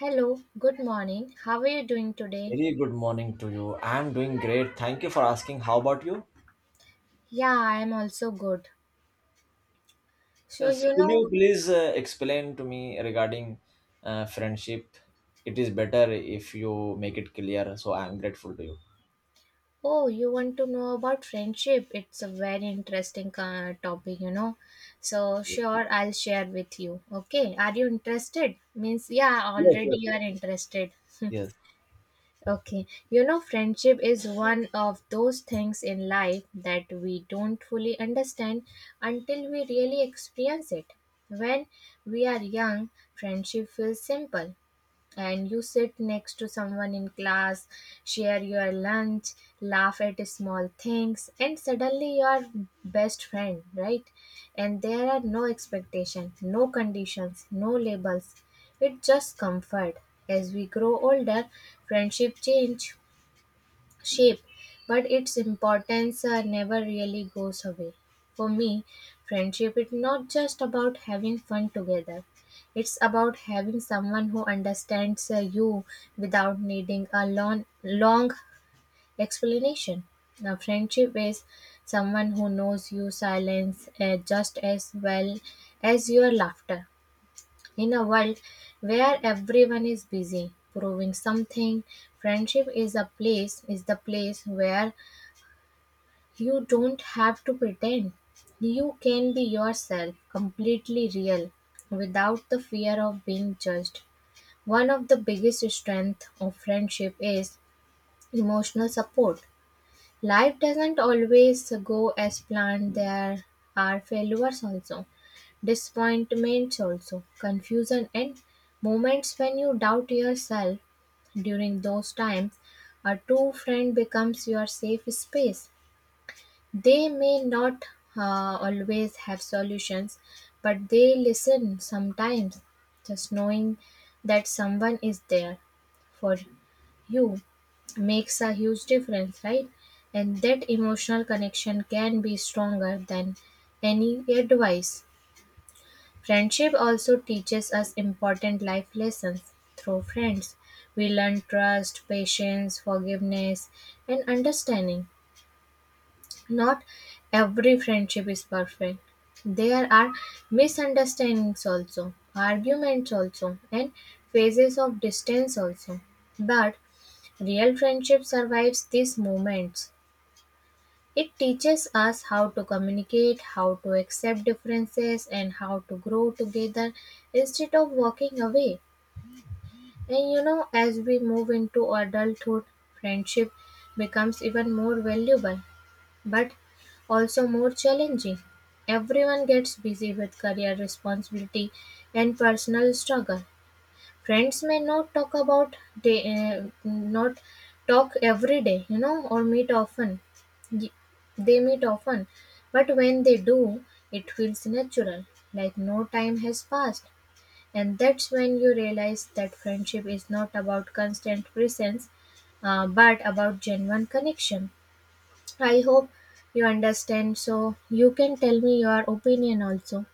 Hello, good morning. How are you doing today? Very good morning to you. I'm doing great. Thank you for asking. How about you? Yeah, I am also good. So, Yes. you Could know, you please explain to me regarding friendship? It is better if you make it clear. So I'm grateful to you. oh, you want to know about friendship? It's a very interesting topic, you know. So, sure, I'll share with you. Okay, are you interested? Means, yeah, Yes, already yes, you yes. are interested. Yes. Okay, you know, friendship is one of those things in life that we don't fully understand until we really experience it. When we are young, friendship feels simple. And you sit next to someone in class, share your lunch, laugh at small things, and suddenly you are best friend, right? And there are no expectations, no conditions, no labels. It's just comfort. As we grow older, friendship change, shape, but its importance never really goes away. For me, friendship is not just about having fun together. It's about having someone who understands you without needing a long, long explanation. Now, friendship is someone who knows your silence just as well as your laughter. In a world where everyone is busy proving something, friendship is a place is the place where you don't have to pretend. You can be yourself, completely real, without the fear of being judged. One of the biggest strengths of friendship is emotional support. Life doesn't always go as planned. There are failures also, disappointments also, confusion, and moments when you doubt yourself. During those times, a true friend becomes your safe space. They may not always have solutions, but they listen sometimes, just knowing that someone is there for you makes a huge difference, right? And that emotional connection can be stronger than any advice. Friendship also teaches us important life lessons through friends. We learn trust, patience, forgiveness, and understanding. Not every friendship is perfect. There are misunderstandings also, arguments also, and phases of distance also. But real friendship survives these moments. It teaches us how to communicate, how to accept differences, and how to grow together instead of walking away. And you know, as we move into adulthood, friendship becomes even more valuable, but also more challenging. Everyone gets busy with career responsibility and personal struggle. Friends may not talk about they not talk every day, you know, or meet often. Y- They meet often, but when they do, it feels natural, like no time has passed. And that's when you realize that friendship is not about constant presence, but about genuine connection. I hope you understand, so you can tell me your opinion also.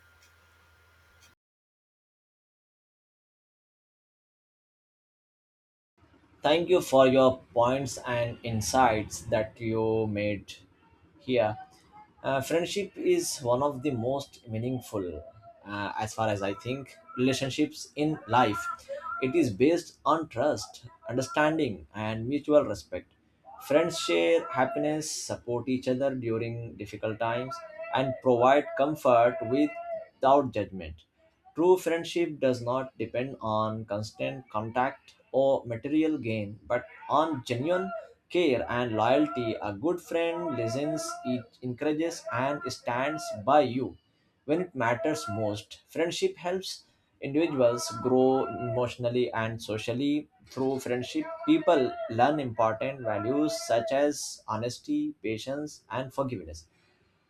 Thank you for your points and insights that you made here. Friendship is one of the most meaningful, as far as I think, relationships in life. It is based on trust, understanding, and mutual respect. Friends share happiness, support each other during difficult times, and provide comfort without judgment. True friendship does not depend on constant contact or material gain, but on genuine care and loyalty. A good friend listens, it encourages, and stands by you when it matters most. Friendship helps individuals grow emotionally and socially. Through friendship, people learn important values such as honesty, patience, and forgiveness.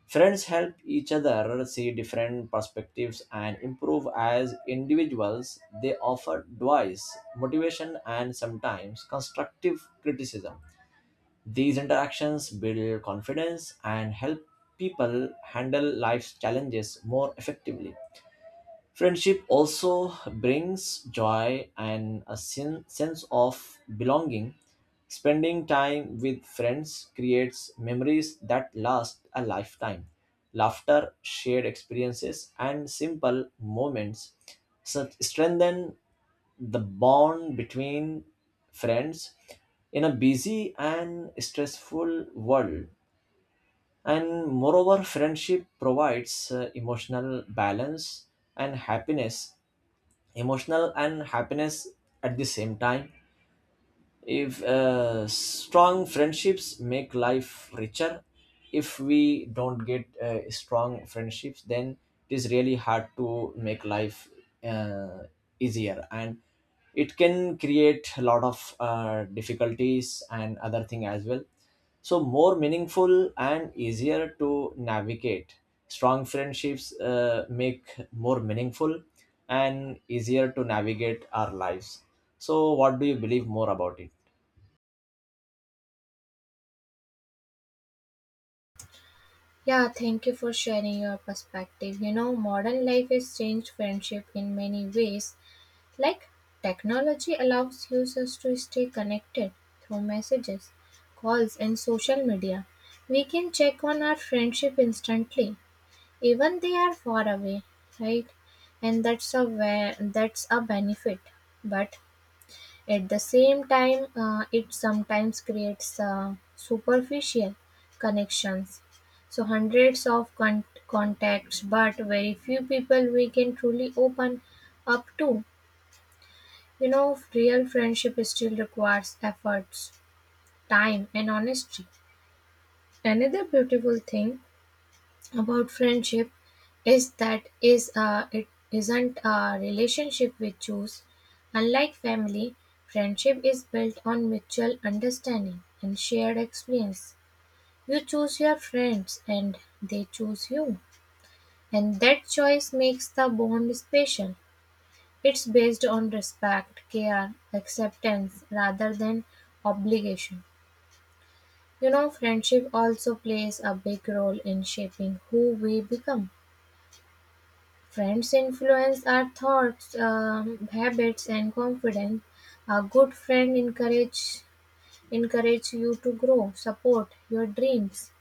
Friends help each other see different perspectives and improve as individuals. They offer advice, motivation, and sometimes constructive criticism. These interactions build confidence and help people handle life's challenges more effectively. Friendship also brings joy and a sense of belonging. Spending time with friends creates memories that last a lifetime. Laughter, shared experiences, and simple moments strengthen the bond between friends in a busy and stressful world. And moreover, friendship provides emotional balance and happiness, emotional and happiness at the same time. If strong friendships make life richer, if we don't get strong friendships, then it is really hard to make life uh, easier, and it can create a lot of difficulties and other thing as well. So more meaningful and easier to navigate, strong friendships make more meaningful and easier to navigate our lives. So what do you believe more about it? Yeah, thank you for sharing your perspective. You know, modern life has changed friendship in many ways. Like, technology allows users to stay connected through messages, calls, and social media. We can check on our friendship instantly, even they are far away, right? And that's a benefit. But at the same time, it sometimes creates superficial connections. So, contacts, but very few people we can truly open up to. You know, real friendship still requires efforts, time, and honesty. Another beautiful thing about friendship is that is it isn't a relationship we choose. Unlike family, friendship is built on mutual understanding and shared experience. You choose your friends and they choose you, and that choice makes the bond special. It's based on respect, care, acceptance rather than obligation. You know, friendship also plays a big role in shaping who we become. Friends influence our thoughts, habits, and confidence. A good friend encourage you to grow, support your dreams,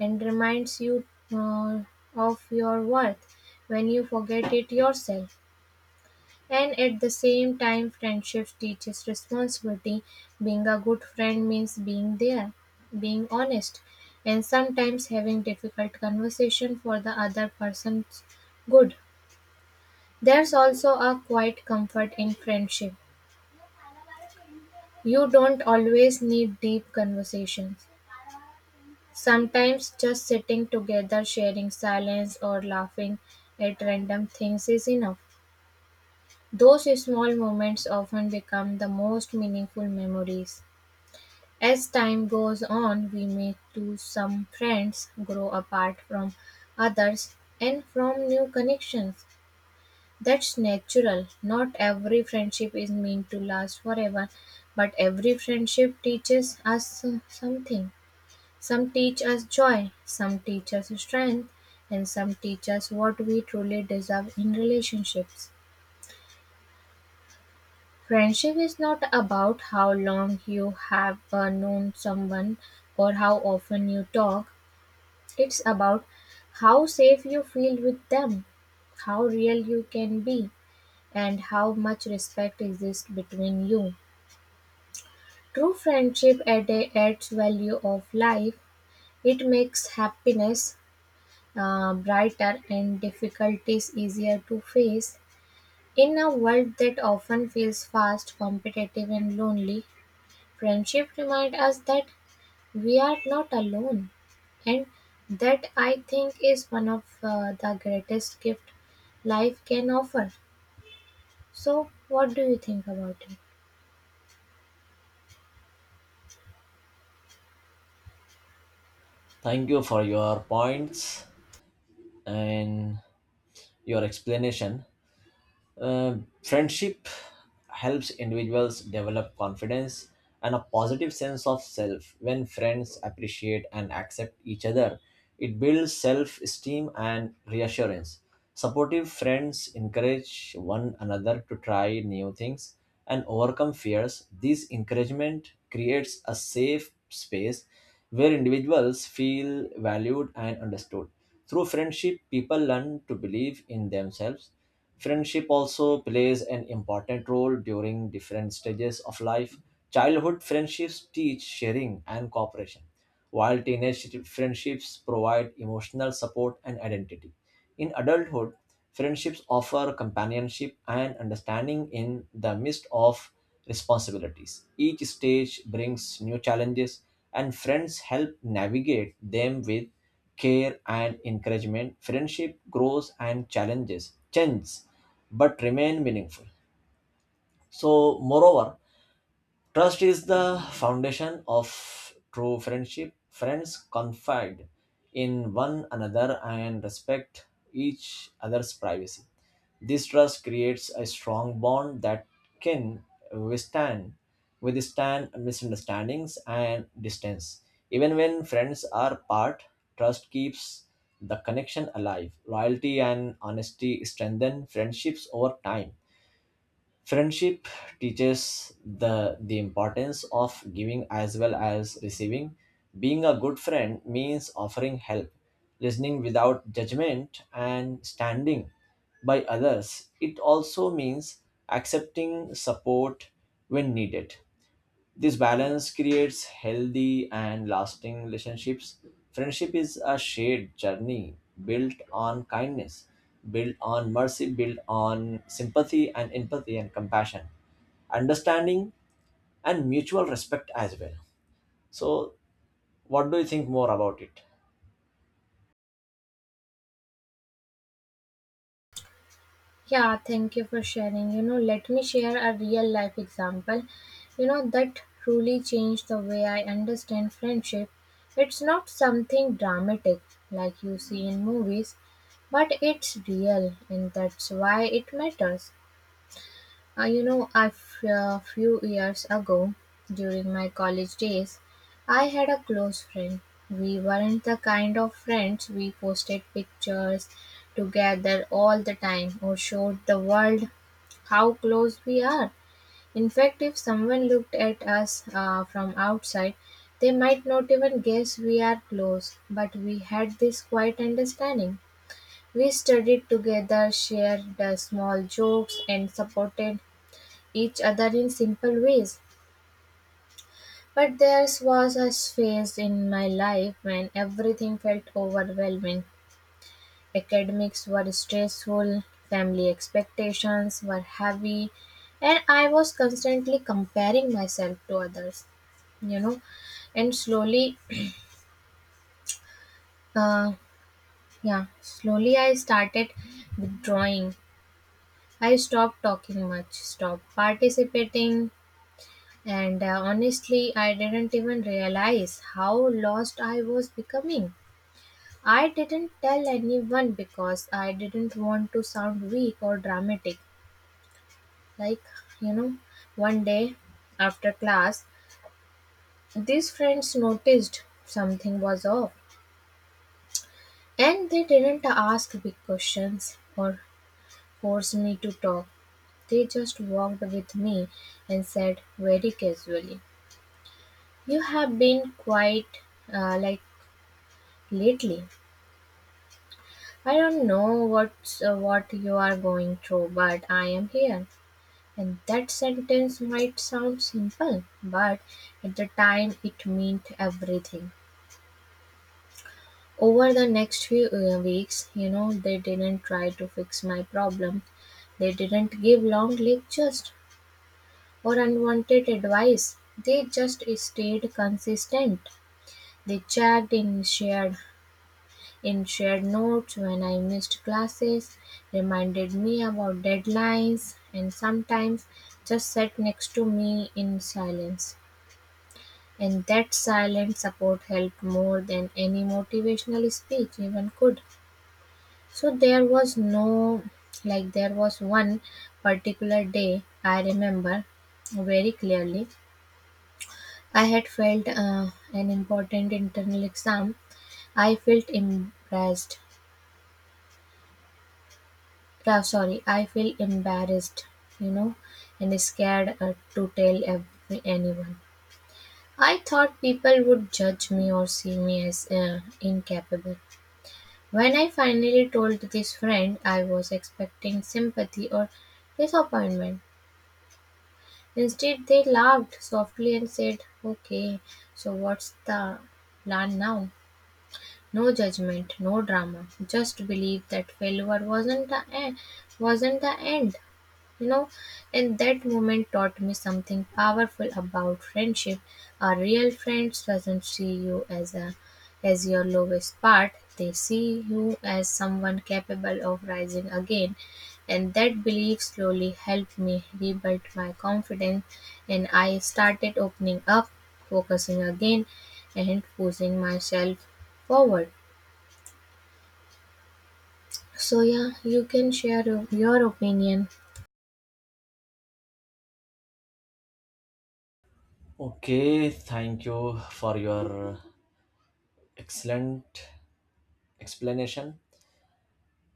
and reminds you uh, of your worth when you forget it yourself. And at the same time, friendship teaches responsibility. Being a good friend means being there, being honest, and sometimes having difficult conversation for the other person's good. There's also a quiet comfort in friendship. You don't always need deep conversations. Sometimes just sitting together, sharing silence, or laughing at random things is enough. Those small moments often become the most meaningful memories. As time goes on, we may lose some friends, grow apart from others, and form new connections. That's natural. Not every friendship is meant to last forever, but every friendship teaches us something. Some teach us joy, some teach us strength, and some teach us what we truly deserve in relationships. Friendship is not about how long you have known someone or how often you talk. It's about how safe you feel with them, how real you can be, and how much respect exists between you. True friendship adds value of life. It makes happiness brighter and difficulties easier to face. In a world that often feels fast, competitive, and lonely, friendship reminds us that we are not alone, and that I think is one of the greatest gift life can offer. So, what do you think about it? Thank you for your points and your explanation. Uh, Friendship helps individuals develop confidence and a positive sense of self. When friends appreciate and accept each other, it builds self esteem and reassurance. Supportive friends encourage one another to try new things and overcome fears. This encouragement creates a safe space where individuals feel valued and understood. Through friendship, people learn to believe in themselves. Friendship also plays an important role during different stages of life. Childhood friendships teach sharing and cooperation, while teenage friendships provide emotional support and identity. In adulthood, friendships offer companionship and understanding in the midst of responsibilities. Each stage brings new challenges, and friends help navigate them with care and encouragement. Friendship grows and challenges changes, but remain meaningful. So, moreover, trust is the foundation of true friendship. Friends confide in one another and respect each other's privacy. This trust creates a strong bond that can withstand withstand misunderstandings and distance. Even when friends are apart, trust keeps the connection alive. Loyalty and honesty strengthen friendships over time. Friendship teaches the importance of giving as well as receiving. Being a good friend means offering help, listening without judgment, and standing by others. It also means accepting support when needed. This balance creates healthy and lasting relationships. Friendship is a shared journey built on kindness, built on mercy, built on sympathy and empathy and compassion, understanding, and mutual respect as well. So, what do you think more about it? Yeah, thank you for sharing. You know, let me share a real life example, you know, that truly changed the way I understand friendship. It's not something dramatic like you see in movies, but it's real, and that's why it matters. You know, a few years ago, during my college days, I had a close friend. We weren't the kind of friends we posted pictures together all the time or showed the world how close we are. In fact, if someone looked at us from outside, they might not even guess we are close, but we had this quiet understanding. We studied together, shared small jokes, and supported each other in simple ways. But there was a phase in my life when everything felt overwhelming. Academics were stressful, family expectations were heavy, and I was constantly comparing myself to others, you know. And uh, yeah, slowly I started withdrawing. I stopped talking much, stopped participating, and honestly, I didn't even realize how lost I was becoming. I didn't tell anyone because I didn't want to sound weak or dramatic. Like, you know, one day after class, these friends noticed something was off and they didn't ask big questions or force me to talk. They just walked with me and said very casually, you have been quite like lately. I don't know what you are going through, but I am here. And that sentence might sound simple, but at the time it meant everything. Over the next few weeks, you know, they didn't try to fix my problem. They didn't give long lectures or unwanted advice. They just stayed consistent. They checked in, shared notes when I missed classes, reminded me about deadlines, and sometimes just sat next to me in silence. And that silent support helped more than any motivational speech even could. So there was no, like, there was one particular day I remember very clearly. I had failed an important internal exam. I felt embarrassed Yeah, sorry. I feel embarrassed, you know, and scared to tell anyone. I thought people would judge me or see me as incapable. When I finally told this friend, I was expecting sympathy or disappointment. Instead, they laughed softly and said, okay, so what's the plan now? No judgment, no drama. Just believe that failure wasn't the end. You know, and that moment taught me something powerful about friendship. A real friend doesn't see you as your lowest part. They see you as someone capable of rising again. And that belief slowly helped me rebuild my confidence and I started opening up, focusing again and pushing myself forward. So yeah, you can share your opinion. Okay, thank you for your excellent explanation.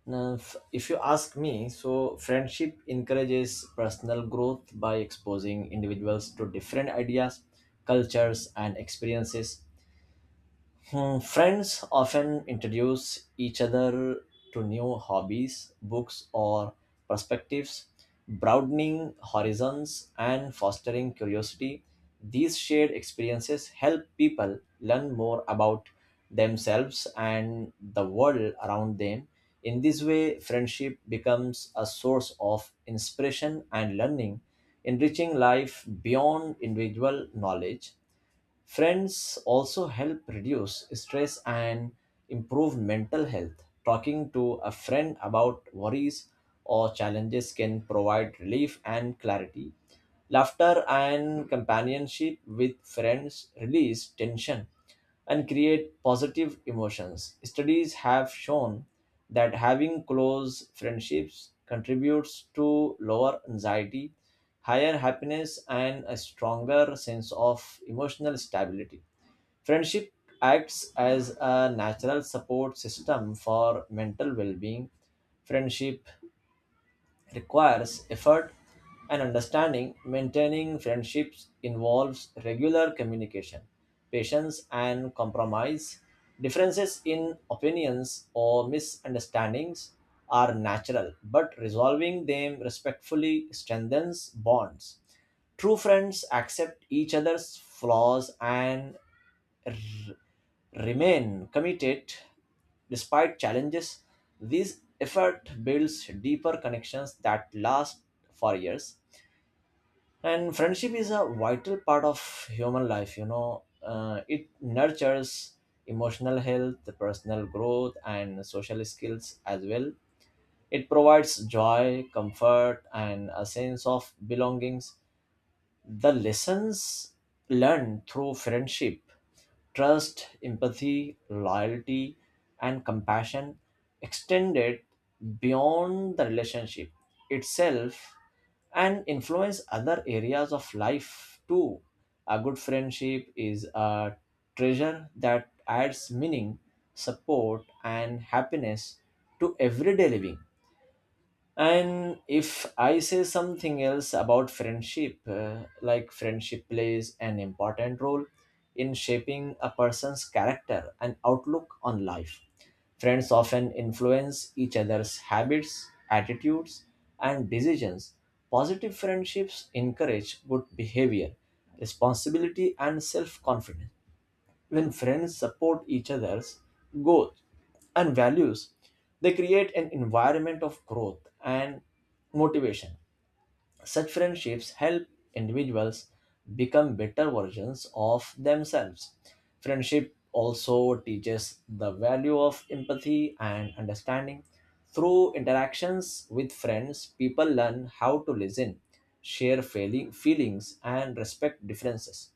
Now, if you ask me, so friendship encourages personal growth by exposing individuals to different ideas, cultures, and experiences. Hmm, friends often introduce each other to new hobbies, books, or perspectives, broadening horizons and fostering curiosity. These shared experiences help people learn more about themselves and the world around them. In this way, friendship becomes a source of inspiration and learning, enriching life beyond individual knowledge. Friends also help reduce stress and improve mental health. Talking to a friend about worries or challenges can provide relief and clarity. Laughter and companionship with friends release tension and create positive emotions. Studies have shown that having close friendships contributes to lower anxiety, higher happiness, and a stronger sense of emotional stability. Friendship acts as a natural support system for mental well being. Friendship requires effort and understanding. Maintaining friendships involves regular communication, patience, and compromise. Differences in opinions or misunderstandings are natural, but resolving them respectfully strengthens bonds. True friends accept each other's flaws and remain committed despite challenges. This effort builds deeper connections that last for years. And friendship is a vital part of human life, you know. It nurtures emotional health, personal growth, and social skills as well. It provides joy, comfort, and a sense of belongings, the lessons learned through friendship, trust, empathy, loyalty, and compassion extended beyond the relationship itself and influence other areas of life too. A good friendship is a treasure that adds meaning, support, and happiness to everyday living. And if I say something else about friendship, like friendship plays an important role in shaping a person's character and outlook on life. Friends often influence each other's habits, attitudes, and decisions. Positive friendships encourage good behavior, responsibility, and self confidence. When friends support each other's goals and values, they create an environment of growth and motivation. Such friendships help individuals become better versions of themselves. Friendship also teaches the value of empathy and understanding. Through interactions with friends, people learn how to listen, share failing feelings, and respect differences.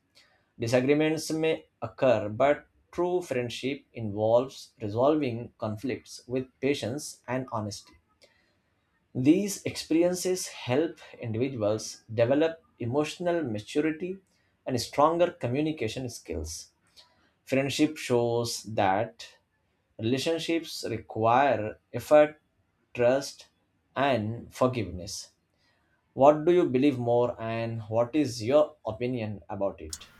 Disagreements may occur, but true friendship involves resolving conflicts with patience and honesty. These experiences help individuals develop emotional maturity and stronger communication skills. Friendship shows that relationships require effort, trust, and forgiveness. What do you believe more, and what is your opinion about it?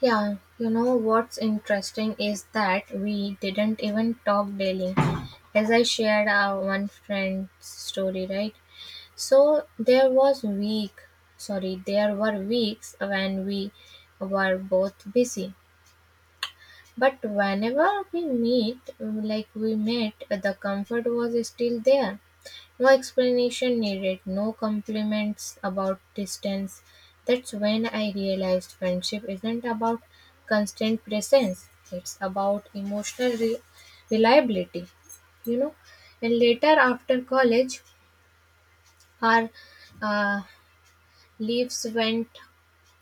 Yeah, you know what's interesting is that we didn't even talk daily, as I shared our one friend's story, right? So there were weeks when we were both busy, but whenever we meet, like we met, the comfort was still there. No explanation needed, no compliments about distance. That's when I realized friendship isn't about constant presence, it's about reliability, you know. And later, after college, our uh, leaves went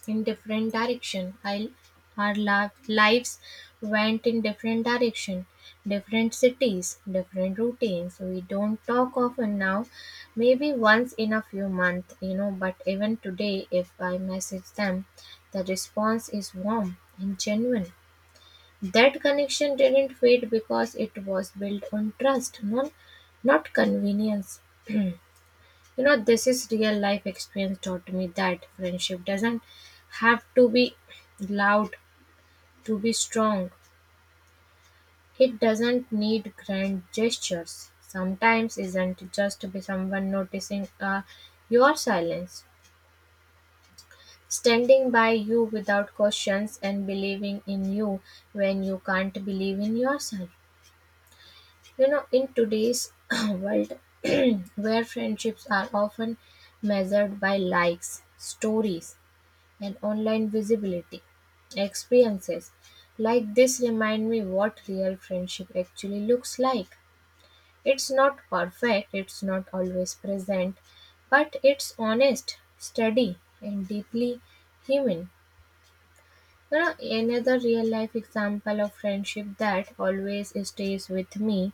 in different direction. I, our la- lives went in different direction, different cities, different routines. We don't talk often now, maybe once in a few months, you know. But even today, if I message them, the response is warm and genuine. That connection didn't fade because it was built on trust, not convenience. You know, this is real life experience taught me that friendship doesn't have to be loud to be strong. It doesn't need grand gestures. Sometimes isn't just be someone noticing your silence, standing by you without questions and believing in you when you can't believe in yourself. You know, in today's world where friendships are often measured by likes, stories, and online visibility. Experiences like this remind me what real friendship actually looks like. It's not perfect, it's not always present, but it's honest, steady, and deeply human. You know, another real life example of friendship that always stays with me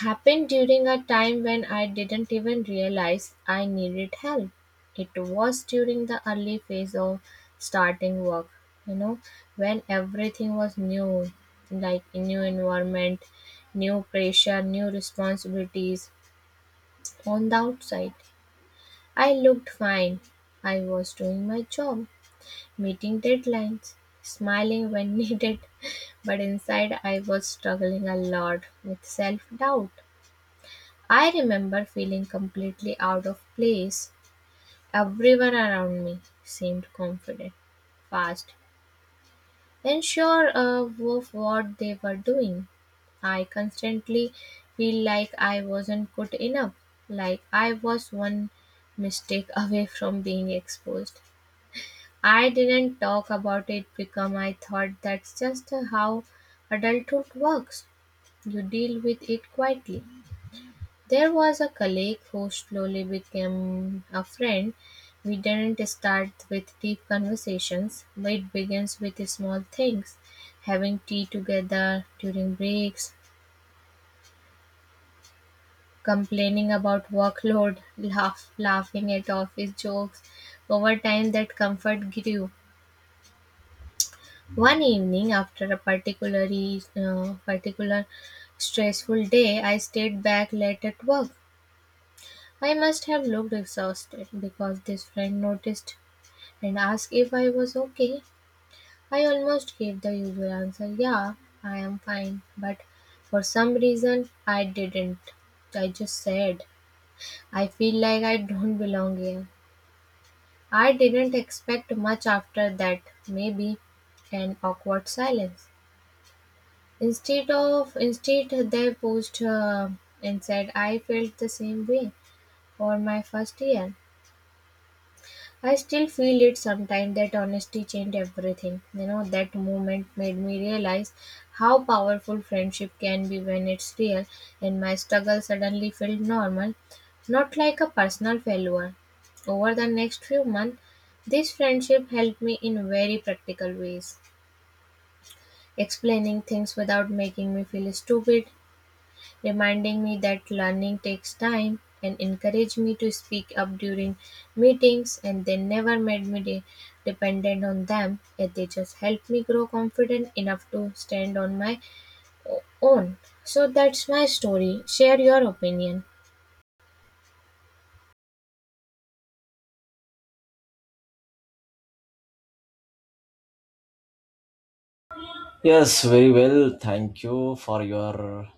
happened during a time when I didn't even realize I needed help. It was during the early phase of starting work, you know, when everything was new, like a new environment, new pressure, new responsibilities. On the outside, I looked fine. I was doing my job, meeting deadlines, smiling when needed, but inside I was struggling a lot with self doubt. I remember feeling completely out of place. Everyone around me seemed confident, fast, and sure of what they were doing. I constantly feel like I wasn't good enough, like I was one mistake away from being exposed. I didn't talk about it because I thought that's just how adulthood works. You deal with it quietly. There was a colleague who slowly became a friend. We didn't start with deep conversations, but it begins with small things, having tea together during breaks, complaining about workload, laughing at office jokes. Over time, that comfort grew. One evening, after a particular stressful day, I stayed back late at work. I must have looked exhausted because this friend noticed and asked if I was okay. I almost gave the usual answer, yeah, I am fine, but for some reason I didn't. I just said, I feel like I don't belong here. I didn't expect much after that, maybe an awkward silence. Instead they posed and said I felt the same way for my first year. I still feel it sometimes. That honesty changed everything. You know, that moment made me realize how powerful friendship can be when it's real, and my struggle suddenly felt normal, not like a personal failure. Over the next few months, this friendship helped me in very practical ways, explaining things without making me feel stupid, reminding me that learning takes time and encouraged me to speak up during meetings, and they never made me dependent on them, and they just helped me grow confident enough to stand on my own. So that's my story. Share your opinion. Yes, very well. Thank you for your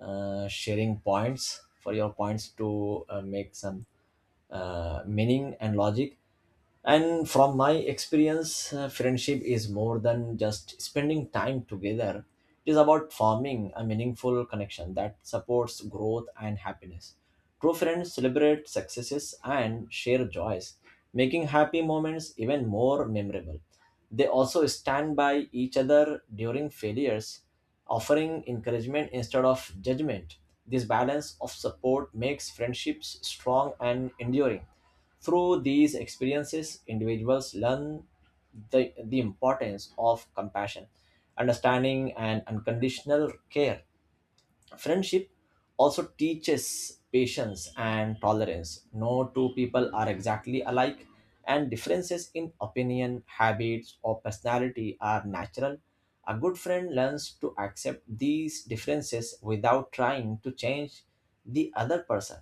sharing points, for your points to make some meaning and logic. And from my experience, friendship is more than just spending time together. It is about forming a meaningful connection that supports growth and happiness. True friends celebrate successes and share joys, making happy moments even more memorable. They also stand by each other during failures, offering encouragement instead of judgment. This balance of support makes friendships strong and enduring. Through these experiences, individuals learn the importance of compassion, understanding, and unconditional care. Friendship also teaches patience and tolerance. No two people are exactly alike, and differences in opinion, habits, or personality are natural. A good friend learns to accept these differences without trying to change the other person.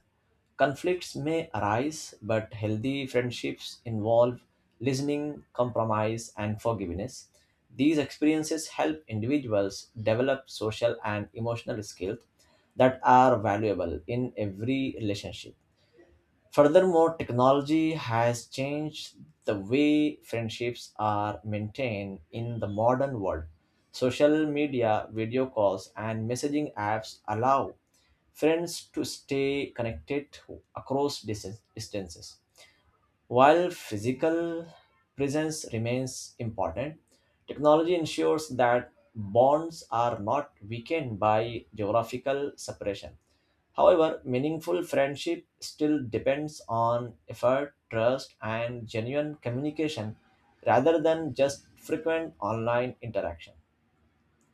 Conflicts may arise, but healthy friendships involve listening, compromise, and forgiveness. These experiences help individuals develop social and emotional skills that are valuable in every relationship. Furthermore, technology has changed the way friendships are maintained in the modern world. Social media, video calls, and messaging apps allow friends to stay connected across distances. While physical presence remains important, technology ensures that bonds are not weakened by geographical separation. However, meaningful friendship still depends on effort, trust, and genuine communication rather than just frequent online interaction.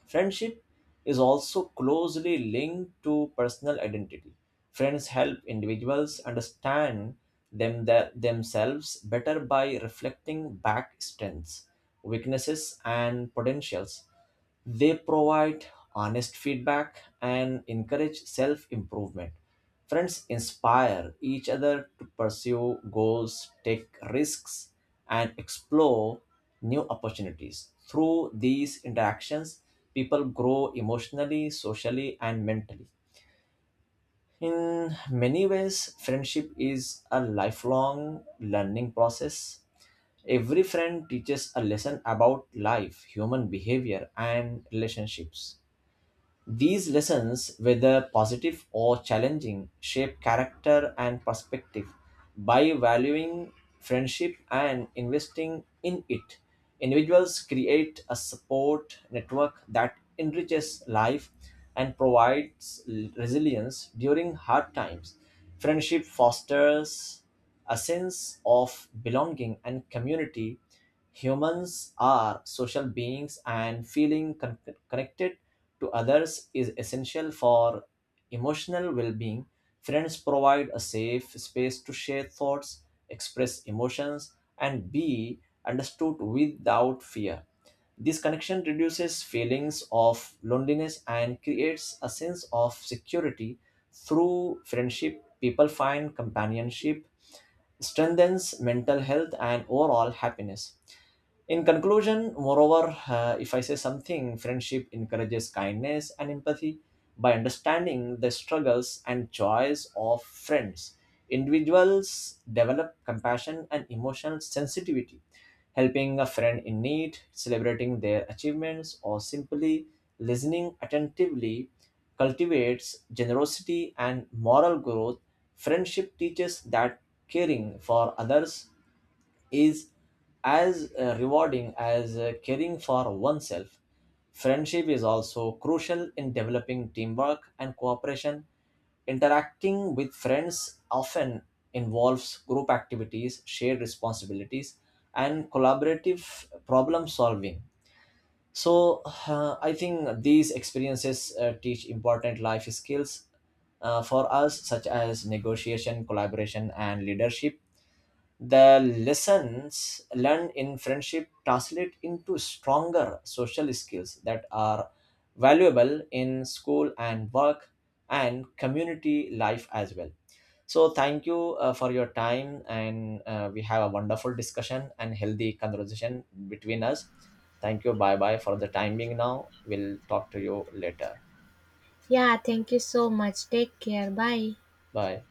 Friendship is also closely linked to personal identity. Friends help individuals understand themselves better by reflecting back strengths, weaknesses, and potentials. They provide honest feedback and encourage self improvement. Friends inspire each other to pursue goals, take risks, and explore new opportunities. Through these interactions, people grow emotionally, socially, and mentally. In many ways, friendship is a lifelong learning process. Every friend teaches a lesson about life, human behavior, and relationships. These lessons, whether positive or challenging, shape character and perspective. By valuing friendship and investing in it, individuals create a support network that enriches life and provides resilience during hard times. Friendship fosters a sense of belonging and community. Humans are social beings, and feeling connected to others is essential for emotional well being. Friends provide a safe space to share thoughts, express emotions, and be understood without fear. This connection reduces feelings of loneliness and creates a sense of security. Through friendship, people find companionship, strengthens mental health, and overall happiness. In conclusion, moreover, if I say something, friendship encourages kindness and empathy by understanding the struggles and joys of friends. Individuals develop compassion and emotional sensitivity, helping a friend in need, celebrating their achievements, or simply listening attentively cultivates generosity and moral growth. Friendship teaches that caring for others is as rewarding as caring for oneself. Friendship is also crucial in developing teamwork and cooperation. Interacting with friends often involves group activities, shared responsibilities, and collaborative problem solving. So, I think these experiences teach important life skills for us, such as negotiation, collaboration, and leadership. The lessons learned in friendship translate into stronger social skills that are valuable in school and work and community life as well. So, thank you for your time, and we have a wonderful discussion and healthy conversation between us. Thank you. Bye bye for the time being now. We'll talk to you later. Yeah, thank you so much. Take care, bye. Bye.